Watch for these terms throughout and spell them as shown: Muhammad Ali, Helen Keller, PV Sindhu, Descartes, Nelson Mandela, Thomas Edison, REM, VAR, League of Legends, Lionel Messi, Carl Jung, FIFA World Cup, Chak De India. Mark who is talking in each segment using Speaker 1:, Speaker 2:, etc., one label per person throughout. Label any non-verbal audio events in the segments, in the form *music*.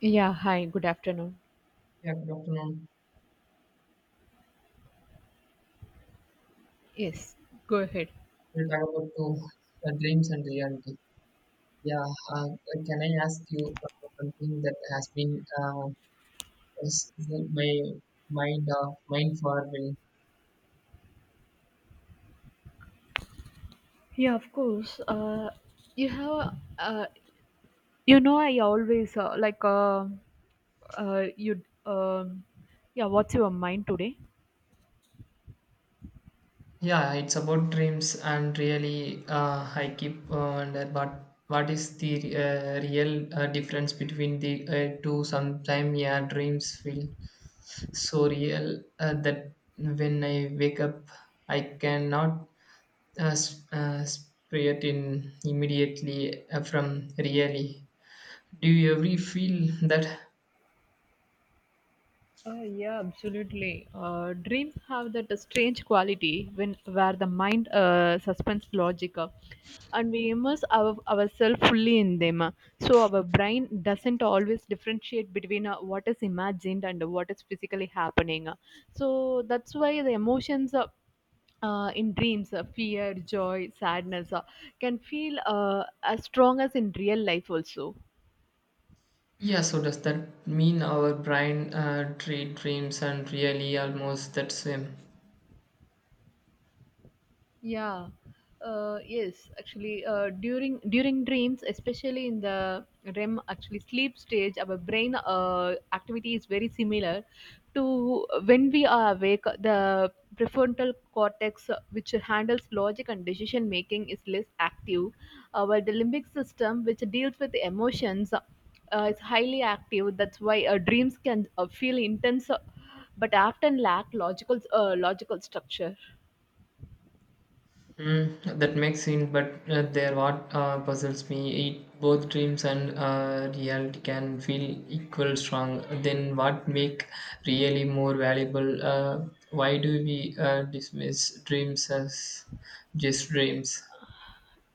Speaker 1: Yeah, hi, good afternoon.
Speaker 2: Yeah, good afternoon.
Speaker 1: Yes, go ahead.
Speaker 2: We'll talk about two dreams and reality. Yeah, uh, can I ask you something that has been is my mind for me?
Speaker 1: Yeah, of course. You have, I always like you. Yeah, what's your mind today?
Speaker 2: Yeah, it's about dreams and really I keep wonder what is the real difference between the two. Sometimes yeah, dreams feel so real that when I wake up, I cannot spirit in immediately from really. Do you ever feel that?
Speaker 1: Yeah, absolutely. Dreams have that strange quality when where the mind suspends logic, and we immerse ourselves fully in them. So our brain doesn't always differentiate between what is imagined and what is physically happening. So that's why the emotions in dreams, fear, joy, sadness can feel as strong as in real life also.
Speaker 2: Yeah, so does that mean our brain treat dreams and really almost that same?
Speaker 1: Yeah, yes, actually, during dreams, especially in the REM, actually sleep stage, our brain activity is very similar to when we are awake. The prefrontal cortex, which handles logic and decision making, is less active, while the limbic system, which deals with the emotions, is highly active. That's why dreams can feel intense, but often lack logical structure.
Speaker 2: Mm, that makes sense, but there what puzzles me. It, both dreams and reality can feel equal strong. Then what make really more valuable? Why do we dismiss dreams as just dreams?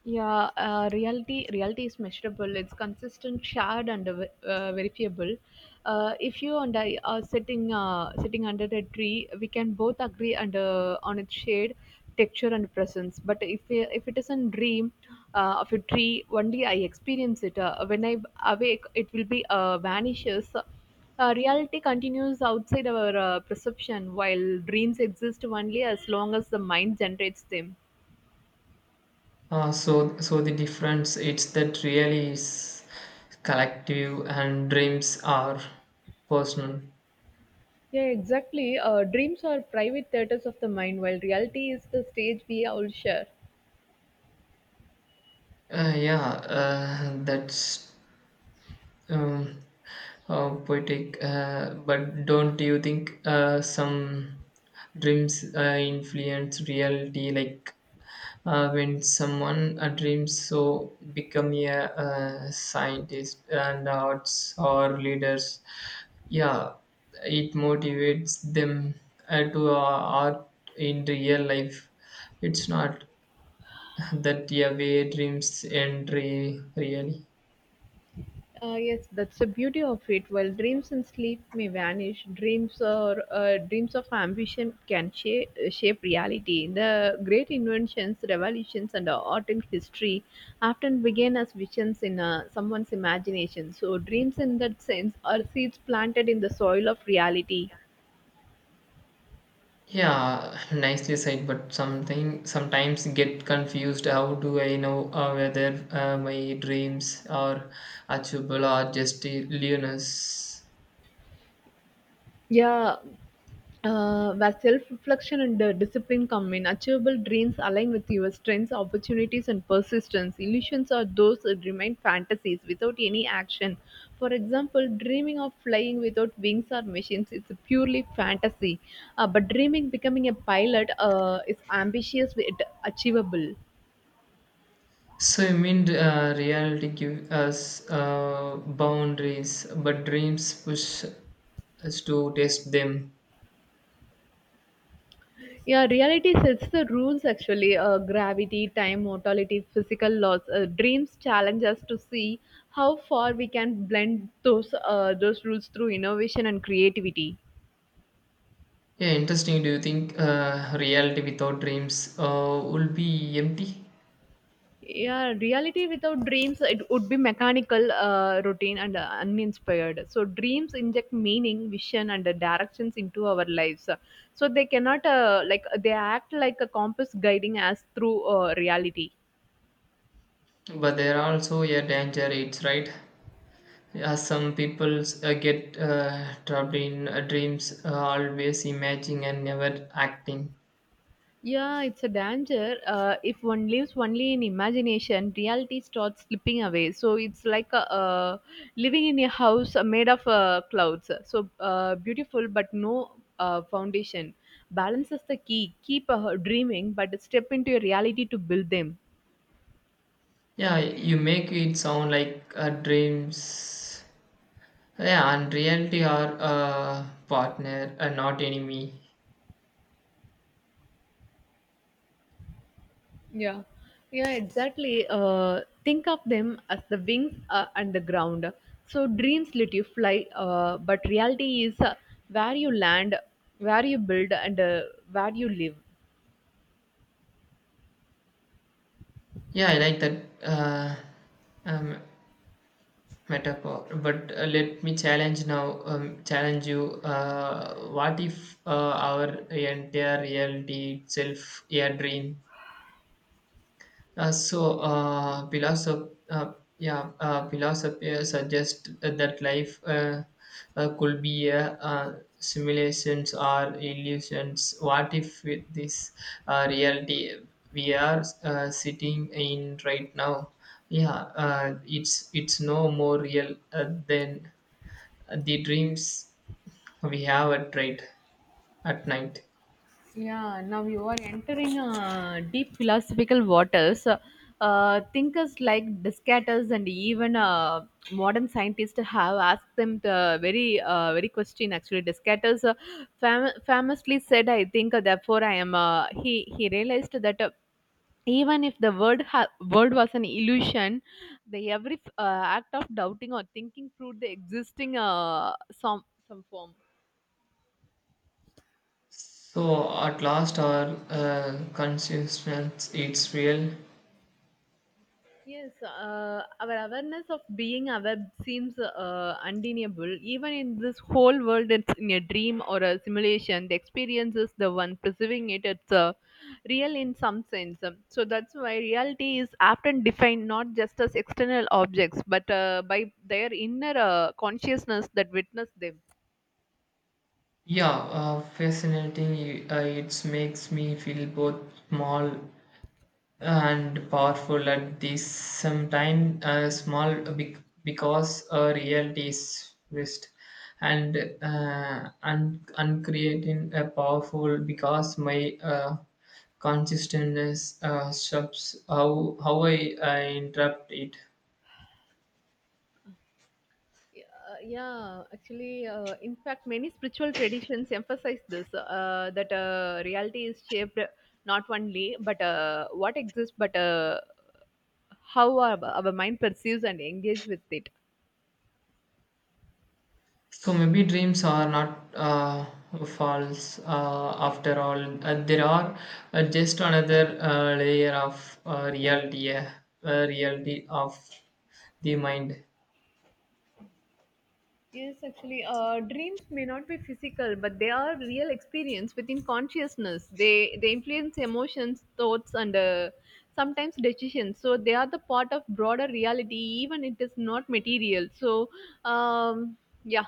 Speaker 1: Yeah, reality is measurable. It's consistent, shared, and verifiable. If you and I are sitting under a tree, we can both agree and on its shade, texture, and presence. But if it is a dream of a tree, only I experience it. When I awake, it will be vanishes. Reality continues outside our perception, while dreams exist only as long as the mind generates them.
Speaker 2: So the difference it's that really is collective and dreams are personal.
Speaker 1: Yeah, exactly. Dreams are private theaters of the mind, while reality is the stage we all share.
Speaker 2: Uh, yeah, that's um, poetic. But don't you think some dreams influence reality? Like when someone dreams so become a scientist and arts or leaders yeah it motivates them to art in real life it's not *laughs* that yeah way dreams end re- really
Speaker 1: Yes, that's the beauty of it. While dreams and sleep may vanish, dreams of ambition can shape reality. The great inventions, revolutions, and art in history often begin as visions in someone's imagination. So, dreams in that sense are seeds planted in the soil of reality.
Speaker 2: yeah nicely said but something sometimes get confused how do I know whether my dreams are achievable or just
Speaker 1: Yeah, where self reflection and discipline come in. Achievable dreams align with your strengths, opportunities, and persistence. Illusions are those that remain fantasies without any action. For example, dreaming of flying without wings or machines is purely fantasy. But dreaming becoming a pilot is ambitious, yet achievable.
Speaker 2: So you mean reality gives us boundaries, but dreams push us to test them.
Speaker 1: Yeah, reality sets the rules actually gravity, time, mortality, physical laws. Dreams challenge us to see how far we can blend those rules through innovation and creativity.
Speaker 2: Yeah, interesting. Do you think reality without dreams will be empty?
Speaker 1: Yeah, reality without dreams, it would be mechanical, routine, and uninspired. So, dreams inject meaning, vision, and directions into our lives. So, they cannot, like, they act like a compass guiding us through reality.
Speaker 2: But there are also a danger it's right? Yeah, some people get trapped in dreams, always imagining and never acting.
Speaker 1: Yeah, it's a danger. If one lives only in imagination, reality starts slipping away. So it's like a living in a house made of clouds. So beautiful, but no foundation. Balance is the key. Keep dreaming, but step into your reality to build them.
Speaker 2: Yeah, you make it sound like dreams yeah, and reality are partner, not enemy.
Speaker 1: Yeah, yeah, exactly. Think of them as the wings and the ground. So dreams let you fly, but reality is where you land, where you build, and where you live.
Speaker 2: Yeah, I like that um, metaphor. But let me challenge now. Challenge you. What if our entire reality itself a dream? So philosophers suggests that life could be a simulations or illusions. What if with this reality we are sitting in right now? Yeah, it's no more real than the dreams we have at right at night.
Speaker 1: Yeah, now you are entering deep philosophical waters. Thinkers like Descartes and even modern scientists have asked them the very question. Actually, Descartes famously said, "I think, therefore I am." He realized that. Even if the world was an illusion, the every act of doubting or thinking proved the existing some form.
Speaker 2: So at last our consciousness it's real.
Speaker 1: Yes, our awareness of being aware seems undeniable. Even in this whole world, it's in a dream or a simulation. The experience is the one perceiving it. It's real in some sense. So that's why reality is often defined not just as external objects, but by their inner consciousness that witness them.
Speaker 2: Yeah, fascinating. It makes me feel both small and powerful at the same time. Small because reality is vast and uncreating a powerful because my consciousness shapes how I interrupt it.
Speaker 1: Yeah, actually, in fact, many spiritual traditions emphasize this that reality is shaped not only but what exists, but how our mind perceives and engages with it.
Speaker 2: So maybe dreams are not false after all. There are just another layer of reality, reality of the mind.
Speaker 1: Yes, actually, dreams may not be physical, but they are real experience within consciousness. They influence emotions, thoughts, and sometimes decisions. So they are the part of broader reality, even it is not material. So, um, yeah.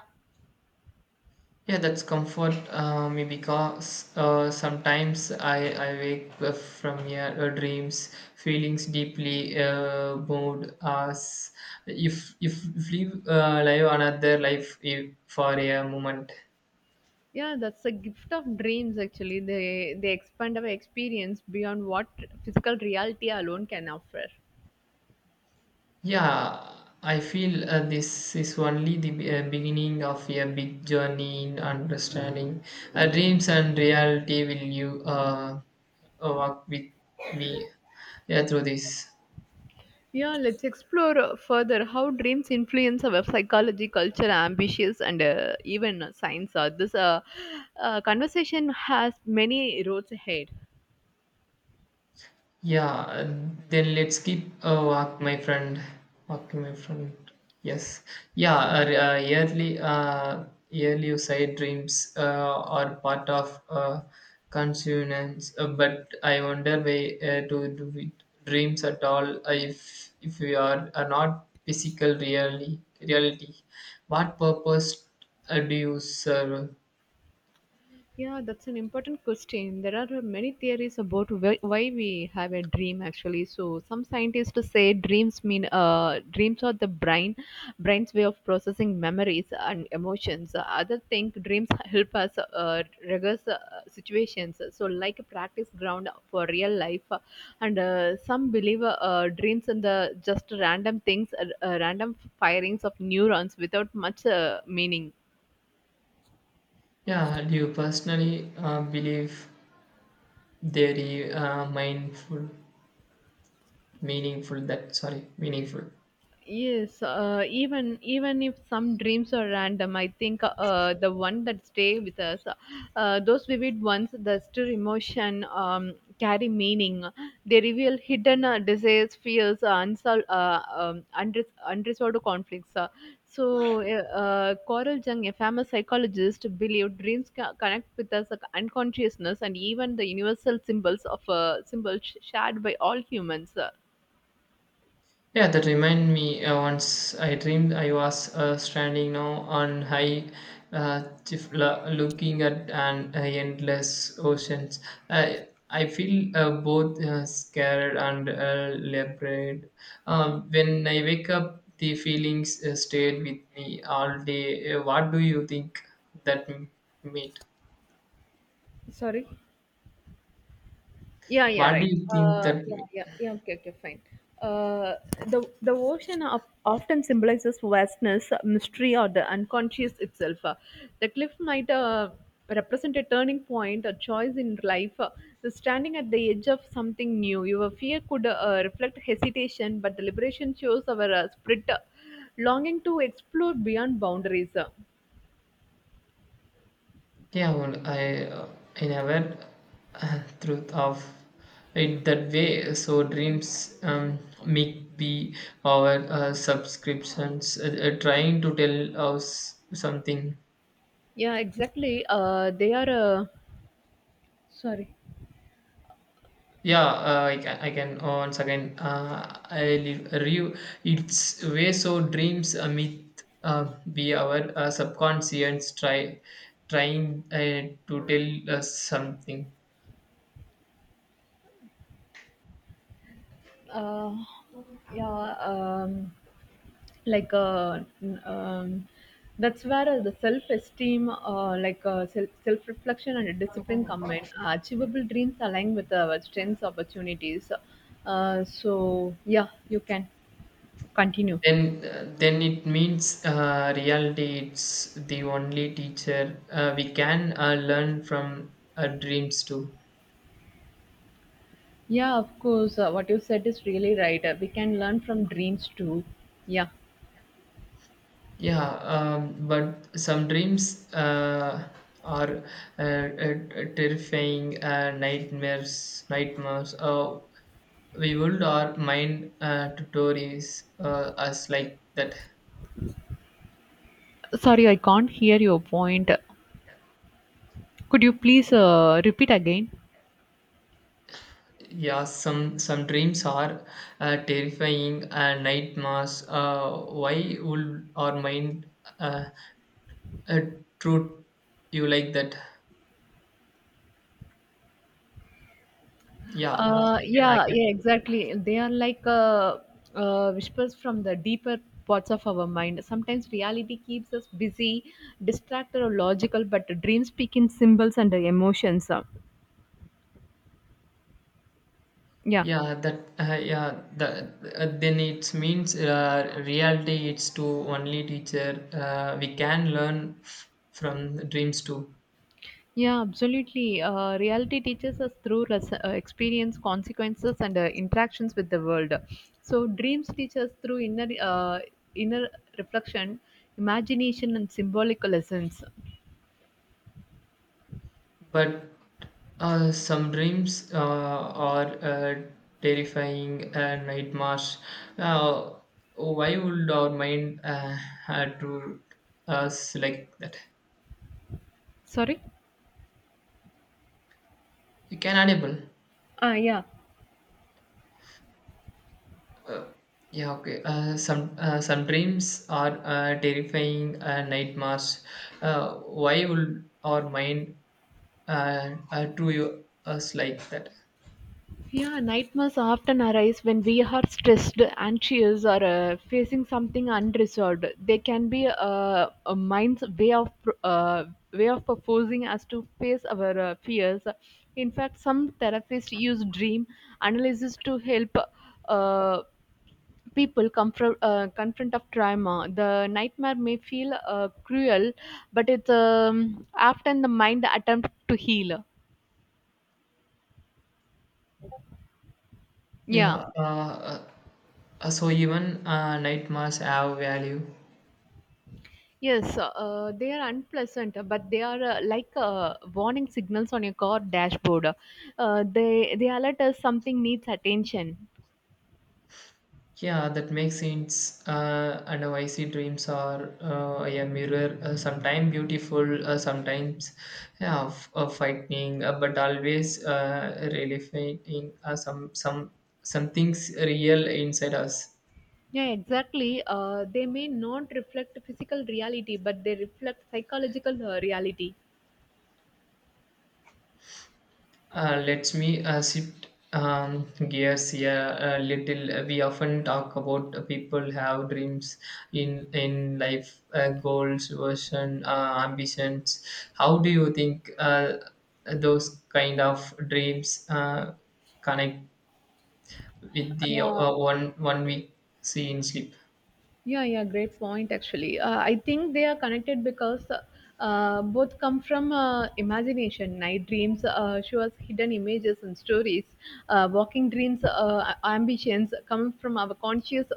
Speaker 2: Yeah, that's comfort me because sometimes I wake up from your dreams, feelings deeply moved as if live live another life if, for a moment.
Speaker 1: Yeah, that's the gift of dreams actually. They expand our experience beyond what physical reality alone can offer.
Speaker 2: Yeah, I feel this is only the beginning of a big journey in understanding. Dreams and reality will you walk with me yeah, through this.
Speaker 1: Yeah, let's explore further how dreams influence our psychology, culture, ambitions, and even science. This conversation has many roads ahead.
Speaker 2: Yeah, then let's keep walk, my friend. Walk, my friend. Yes. Yeah,
Speaker 1: Uh,
Speaker 2: yearly, yearly side dreams are part of consonance, but I wonder why to do with dreams at all if we are not physical reality. Reality. What purpose do you serve?
Speaker 1: Yeah, that's an important question. There are many theories about why we have a dream actually. So some scientists say dreams are the brain's way of processing memories and emotions. Other think dreams help us regress situations. So like a practice ground for real life. And some believe dreams in the just random things, random firings of neurons without much meaning.
Speaker 2: Yeah, do you personally believe they are mindful? Meaningful, that sorry, meaningful.
Speaker 1: Yes, even if some dreams are random, I think the one that stay with us, those vivid ones, that still emotion carry meaning. They reveal hidden desires, fears, unsolved, unresolved conflicts. Coral Jung, a famous psychologist, believed dreams connect with us unconsciousness and even the universal symbols shared by all humans.
Speaker 2: Yeah, that remind me once I dreamed I was standing now on high Chifla, looking at an endless oceans. I feel both scared and liberated. When I wake up the feelings stayed with me all day. What do you think that meant?
Speaker 1: Sorry. Yeah, yeah,
Speaker 2: What do
Speaker 1: right.
Speaker 2: you think that
Speaker 1: Yeah,
Speaker 2: meant?
Speaker 1: yeah, yeah. Okay, okay, fine. Uh, the ocean of, often symbolizes vastness, mystery, or the unconscious itself. The cliff might represent a turning point, a choice in life. The standing at the edge of something new. Your fear could reflect hesitation, but the liberation shows our spirit, longing to explore beyond boundaries.
Speaker 2: Yeah, well, I never thought of it that way. So dreams make be our subscriptions trying to tell us something.
Speaker 1: Yeah, exactly. They are. Sorry.
Speaker 2: Yeah, I can once again. I leave review. It's way so dreams meet be our subconscious trying to tell us something.
Speaker 1: Uh, yeah. Um, like um, that's where the self-esteem like self-reflection and discipline come in achievable dreams align with our strengths opportunities so yeah you can continue
Speaker 2: Then it means reality. It's the only teacher we can learn from our dreams too.
Speaker 1: yeah of course what you said is really right we can learn from dreams too yeah
Speaker 2: Yeah, but some dreams are uh, uh, terrifying nightmares. Nightmares. We would our mind tutorials, stories us like that.
Speaker 1: sorry I can't hear your point could you please repeat again
Speaker 2: Yeah, some dreams are terrifying nightmares. Why would our mind uh, uh, treat you like that? Yeah, I I can, I
Speaker 1: Yeah,
Speaker 2: can.
Speaker 1: yeah, exactly. They are like whispers from the deeper parts of our mind. Sometimes reality keeps us busy, distracted or logical, but dreams speak in symbols and emotions. Yeah,
Speaker 2: Yeah, that yeah, that then it means reality. It's to only teacher. We can learn from dreams too.
Speaker 1: yeah, absolutely. Reality teaches us through experience, consequences, and interactions with the world. So dreams teach us through inner reflection, imagination, and symbolic lessons.
Speaker 2: But some dreams are terrifying nightmares. Uh, why would our mind had to us like that?
Speaker 1: Sorry.
Speaker 2: You can audible.
Speaker 1: Ah, yeah.
Speaker 2: Yeah, okay. Some dreams are terrifying nightmares. Why would our mind do you, us like that?
Speaker 1: Yeah, nightmares often arise when we are stressed, anxious, or facing something unresolved. They can be a mind's way of way of forcing us to face our fears. In fact, some therapists use dream analysis to help uh, people confront of trauma. The nightmare may feel cruel, but it's often the mind attempt to heal. Yeah.
Speaker 2: Yeah. So even nightmares have value.
Speaker 1: Yes, they are unpleasant, but they are like warning signals on your car dashboard. They alert us something needs attention.
Speaker 2: Yeah, that makes sense. And how I see dreams are a mirror, sometimes beautiful, sometimes yeah, frightening, but always relevating some some things real inside us.
Speaker 1: Yeah, exactly. They may not reflect physical reality, but they reflect psychological reality.
Speaker 2: Let me shift gears here a little. We often talk about people have dreams in life, goals, version, ambitions. How do you think those kind of dreams connect with the
Speaker 1: Yeah,
Speaker 2: one we see in sleep?
Speaker 1: yeah, yeah, great point. Actually, I think they are connected because both come from imagination. Night dreams show us hidden images and stories. Walking dreams, ambitions come from our conscious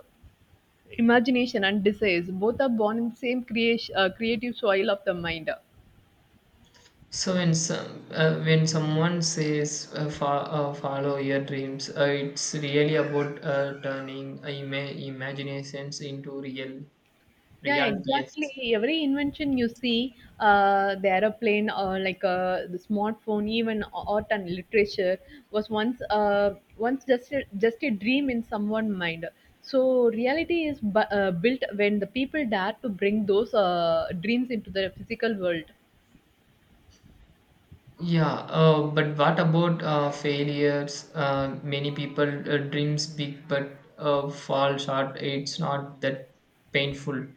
Speaker 1: imagination and desires. Both are born in same creative soil of the mind.
Speaker 2: So when some when someone says follow your dreams, it's really about turning imaginations into real
Speaker 1: Yeah,
Speaker 2: reality. Yes.
Speaker 1: exactly. Every invention you see, the aeroplane or like the smartphone, even art and literature, was once just a dream in someone's mind. So reality is built when the people dare to bring those dreams into the physical world.
Speaker 2: Yeah, but what about failures? Many people dreams big but fall short. It's not that painful.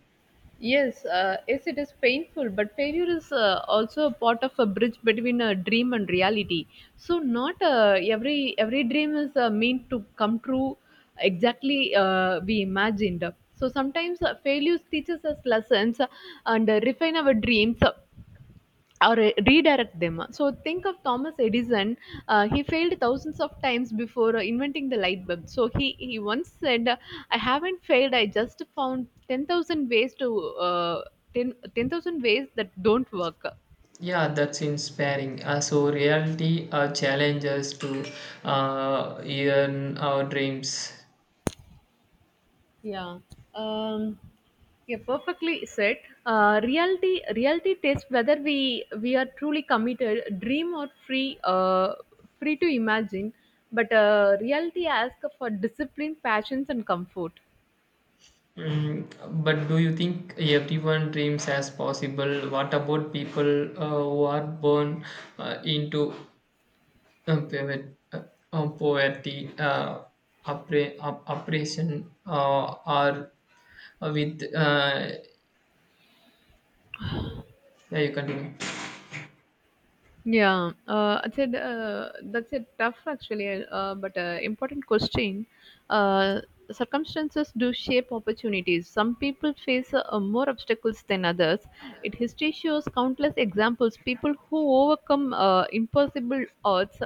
Speaker 1: Yes, it is painful, but failure is also a part of a bridge between a dream and reality. So not every dream is meant to come true exactly we imagined. So sometimes failures teaches us lessons and refine our dreams or redirect them. So think of Thomas Edison. He failed thousands of times before inventing the light bulb. So he once said, "I haven't failed. I just found 10,000 ways to uh, 10 10,000 ways that don't work."
Speaker 2: Yeah, that's inspiring. So reality challenges to earn our dreams.
Speaker 1: Yeah. Um, yeah, perfectly said. Reality tests whether we are truly committed, dream or free free to imagine. But reality asks for discipline, passions, and comfort.
Speaker 2: Mm, but do you think everyone dreams as possible? What about people who are born into pivot, poverty, oppression, or with? Yeah, you continue.
Speaker 1: Yeah, that's it. Tough, actually, but important question. Uh, circumstances do shape opportunities. Some people face more obstacles than others. It history shows countless examples. People who overcome impossible odds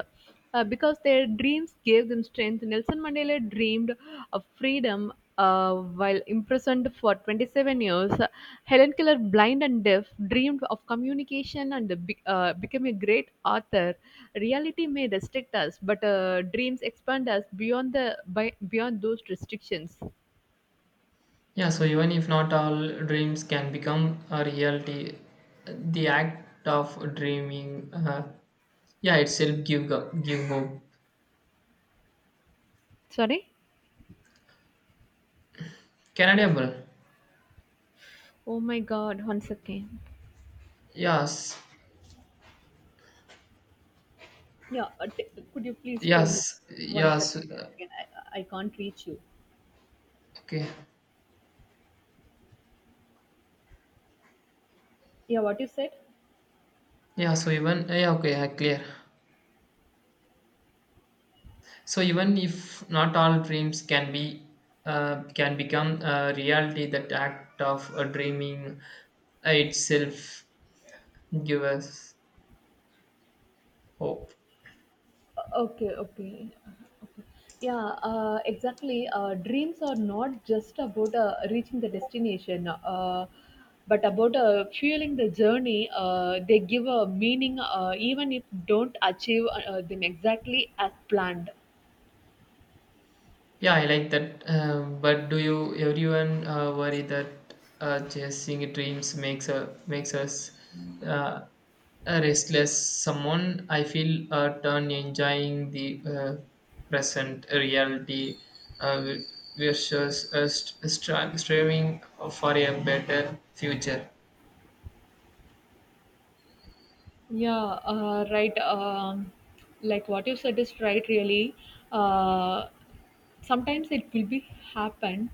Speaker 1: because their dreams gave them strength. Nelson Mandela dreamed of freedom, uh, while imprisoned for 27 years. Helen Keller, blind and deaf, dreamed of communication and became a great author. Reality may restrict us, but dreams expand us beyond beyond those restrictions.
Speaker 2: Yeah, so even if not all dreams can become a reality, the act of dreaming, yeah, itself give hope.
Speaker 1: Sorry.
Speaker 2: Canada,
Speaker 1: Oh my God! One second.
Speaker 2: yes.
Speaker 1: Yeah, could you please tell me
Speaker 2: Yes,
Speaker 1: one second?
Speaker 2: yes,
Speaker 1: Again, I can't reach you.
Speaker 2: okay.
Speaker 1: Yeah, what you said?
Speaker 2: Yeah, so even, yeah, okay, clear. So even if not all dreams can be, can become a reality, that act of dreaming itself give us hope.
Speaker 1: Okay, okay, okay. Yeah, exactly. Dreams are not just about reaching the destination, but about fueling the journey. They give a meaning, even if don't achieve them exactly as planned.
Speaker 2: Yeah, I like that. But do you everyone worry that chasing dreams makes us uh, a restless someone? I feel turn enjoying the present reality uh, versus striving for a better future.
Speaker 1: Yeah, right. Like what you said is right, really. Uh, Sometimes it will be happen,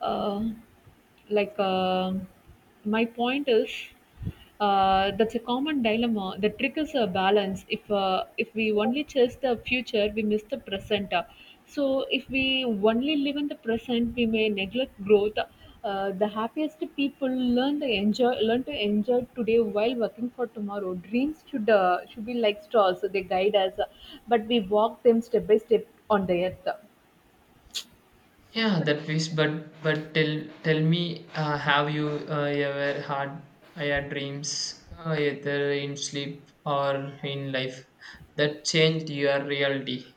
Speaker 1: uh, like um my point is that's a common dilemma that triggers a balance. If if we only chase the future, we miss the present. So if we only live in the present, we may neglect growth. The happiest people learn the enjoy learn to enjoy today while working for tomorrow. Dreams should be like straws, so they guide us, but we walk them step by step on the earth.
Speaker 2: Yeah, that is. But but tell me, have you ever had higher dreams, either in sleep or in life, that changed your reality?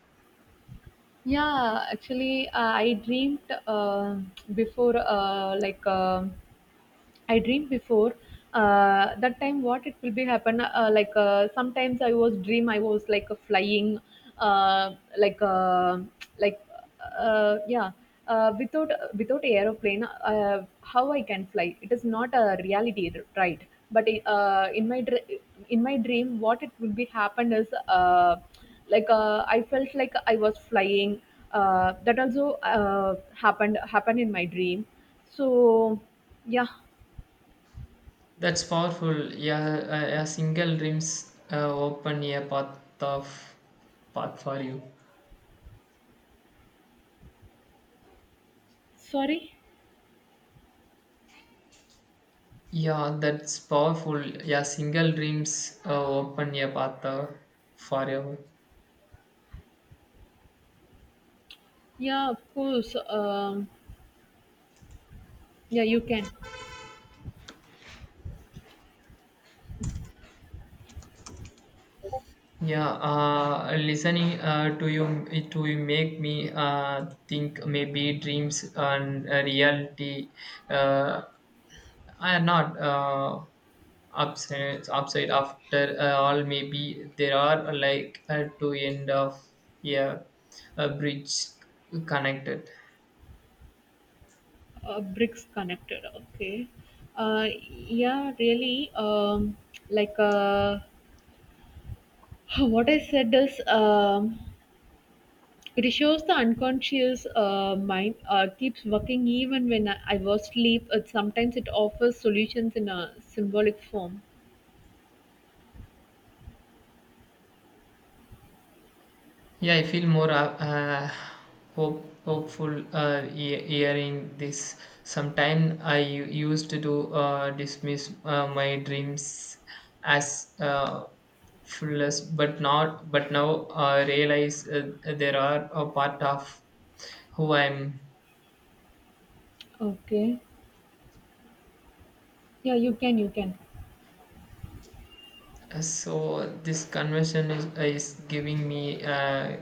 Speaker 1: Yeah, actually, I dreamt, before like. I dream before that time what it will be happen, sometimes I was dream I was like a flying, uh, like uh, like uh, yeah without aeroplane. How I can fly? It is not a reality, right? But in my dream what it will be happen is, I felt like I was flying. That also happened in my dream, so yeah.
Speaker 2: That's powerful. Yeah, a single dreams open a path of path for you.
Speaker 1: Sorry?
Speaker 2: Yeah, that's powerful. Yeah, single dreams open a path for you.
Speaker 1: Yeah, of course. Yeah, you can.
Speaker 2: Yeah, listening to you make me think maybe dreams and reality uh, are not upside after all. Maybe there are like two end of yeah, a bridge connected.
Speaker 1: Bricks connected. Okay. Yeah, really. Like uh, *laughs* what I said is, it shows the unconscious mind keeps working even when I was asleep. It, sometimes it offers solutions in a symbolic form.
Speaker 2: Yeah, I feel more uh, hopeful hearing this. Sometime I used to dismiss my dreams as frivolous, but not. But now I realize there are a part of who I'm.
Speaker 1: Okay. Yeah, you can, you can.
Speaker 2: So this conversation is giving me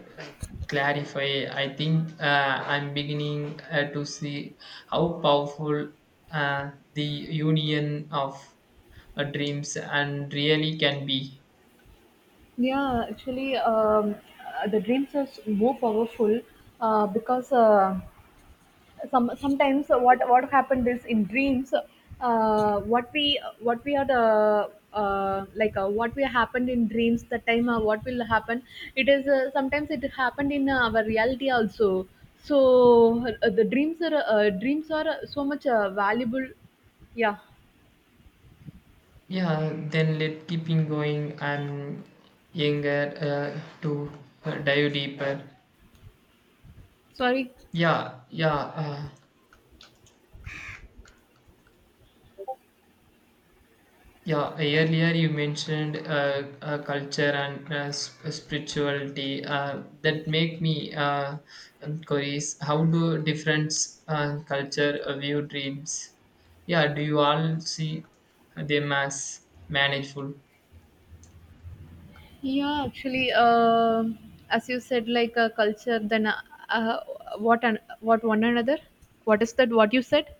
Speaker 2: clarify. I think I'm beginning to see how powerful the union of dreams and really can be.
Speaker 1: Yeah, actually, the dreams are more powerful, because sometimes what happened is in dreams, what we are the, what we happened in dreams the time, what will happen it is, sometimes it happened in our reality also. So the dreams are, dreams are so much valuable, yeah.
Speaker 2: Yeah, then let keeping going. I'm younger to dive deeper.
Speaker 1: Sorry.
Speaker 2: Yeah, yeah. Yeah, earlier you mentioned culture and spirituality that make me curious. How do different culture view dreams? Yeah, do you all see them as manageable?
Speaker 1: Yeah, actually, as you said, like a culture, then uh, what one another. What is that what you said?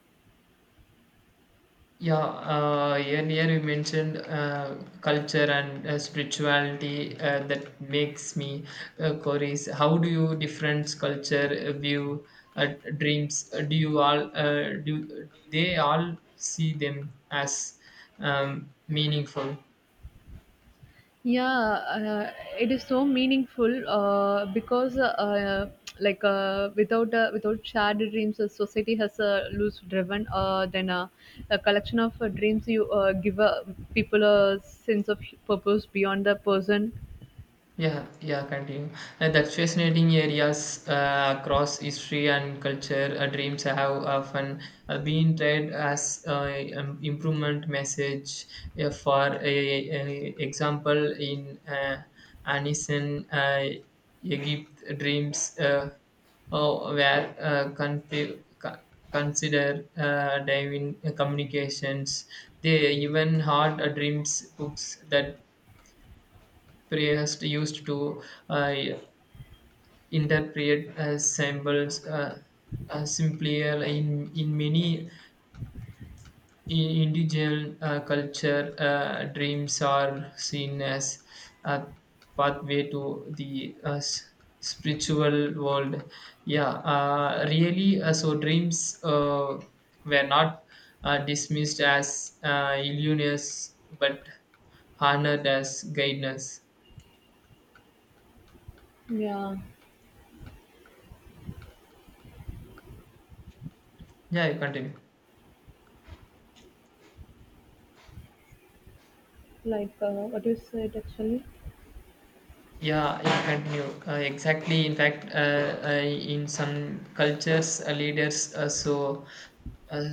Speaker 2: Yeah, earlier you mentioned culture and spirituality that makes me curious. How do you difference culture view uh, dreams? Do you all do they all see them as meaningful?
Speaker 1: Yeah, it is so meaningful, because like without shared dreams, a society has a loose driven. Then a collection of dreams you give people a sense of purpose beyond the person.
Speaker 2: Yeah, yeah, continue. That's fascinating areas across history and culture. Dreams have often been read as improvement message. For a example, in ancient Egypt, dreams oh, were considered divine communications. They even had dreams books that prayers used to uh, interpret as symbols, simply in many in indigenous culture dreams are seen as a pathway to the spiritual world. Yeah, really, so dreams were not dismissed as illusions but honored as guidance.
Speaker 1: Yeah,
Speaker 2: Yeah, you continue.
Speaker 1: what you said actually.
Speaker 2: Yeah, yeah, continue. Exactly. In fact, in some cultures, leaders uh,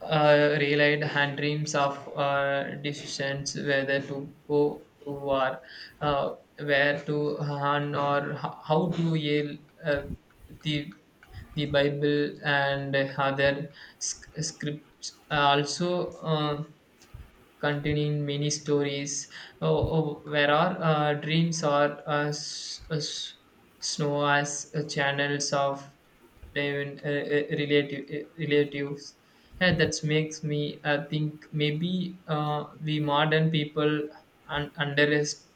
Speaker 2: relied on dreams of decisions whether to go to war, where to hunt, or how to yell uh, the the Bible and other scripts. Also. Containing many stories oh, oh, where our dreams are snow as channels of divine, relatives. And that makes me think maybe we modern people underestimate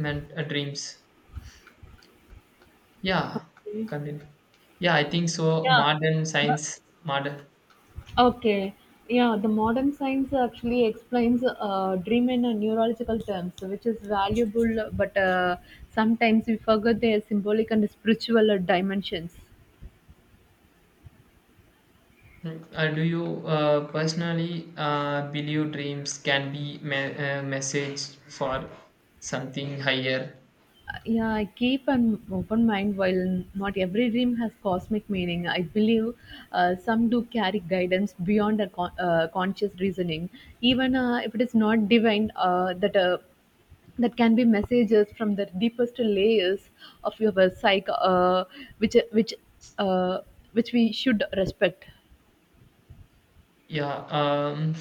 Speaker 2: dreams. Yeah,
Speaker 1: Okay.
Speaker 2: continue. Yeah, I think so.
Speaker 1: Yeah.
Speaker 2: Modern science, modern.
Speaker 1: Okay, yeah, the modern science actually explains dream in a neurological terms, which is valuable, but sometimes we forget their symbolic and spiritual dimensions.
Speaker 2: Mm, do you personally believe dreams can be message for something higher?
Speaker 1: Yeah, I keep an open mind. While not every dream has cosmic meaning, I believe some do carry guidance beyond our conscious reasoning. Even if it is not divine, that can be messages from the deepest layers of your psyche, which which uh, which we should respect.
Speaker 2: Yeah.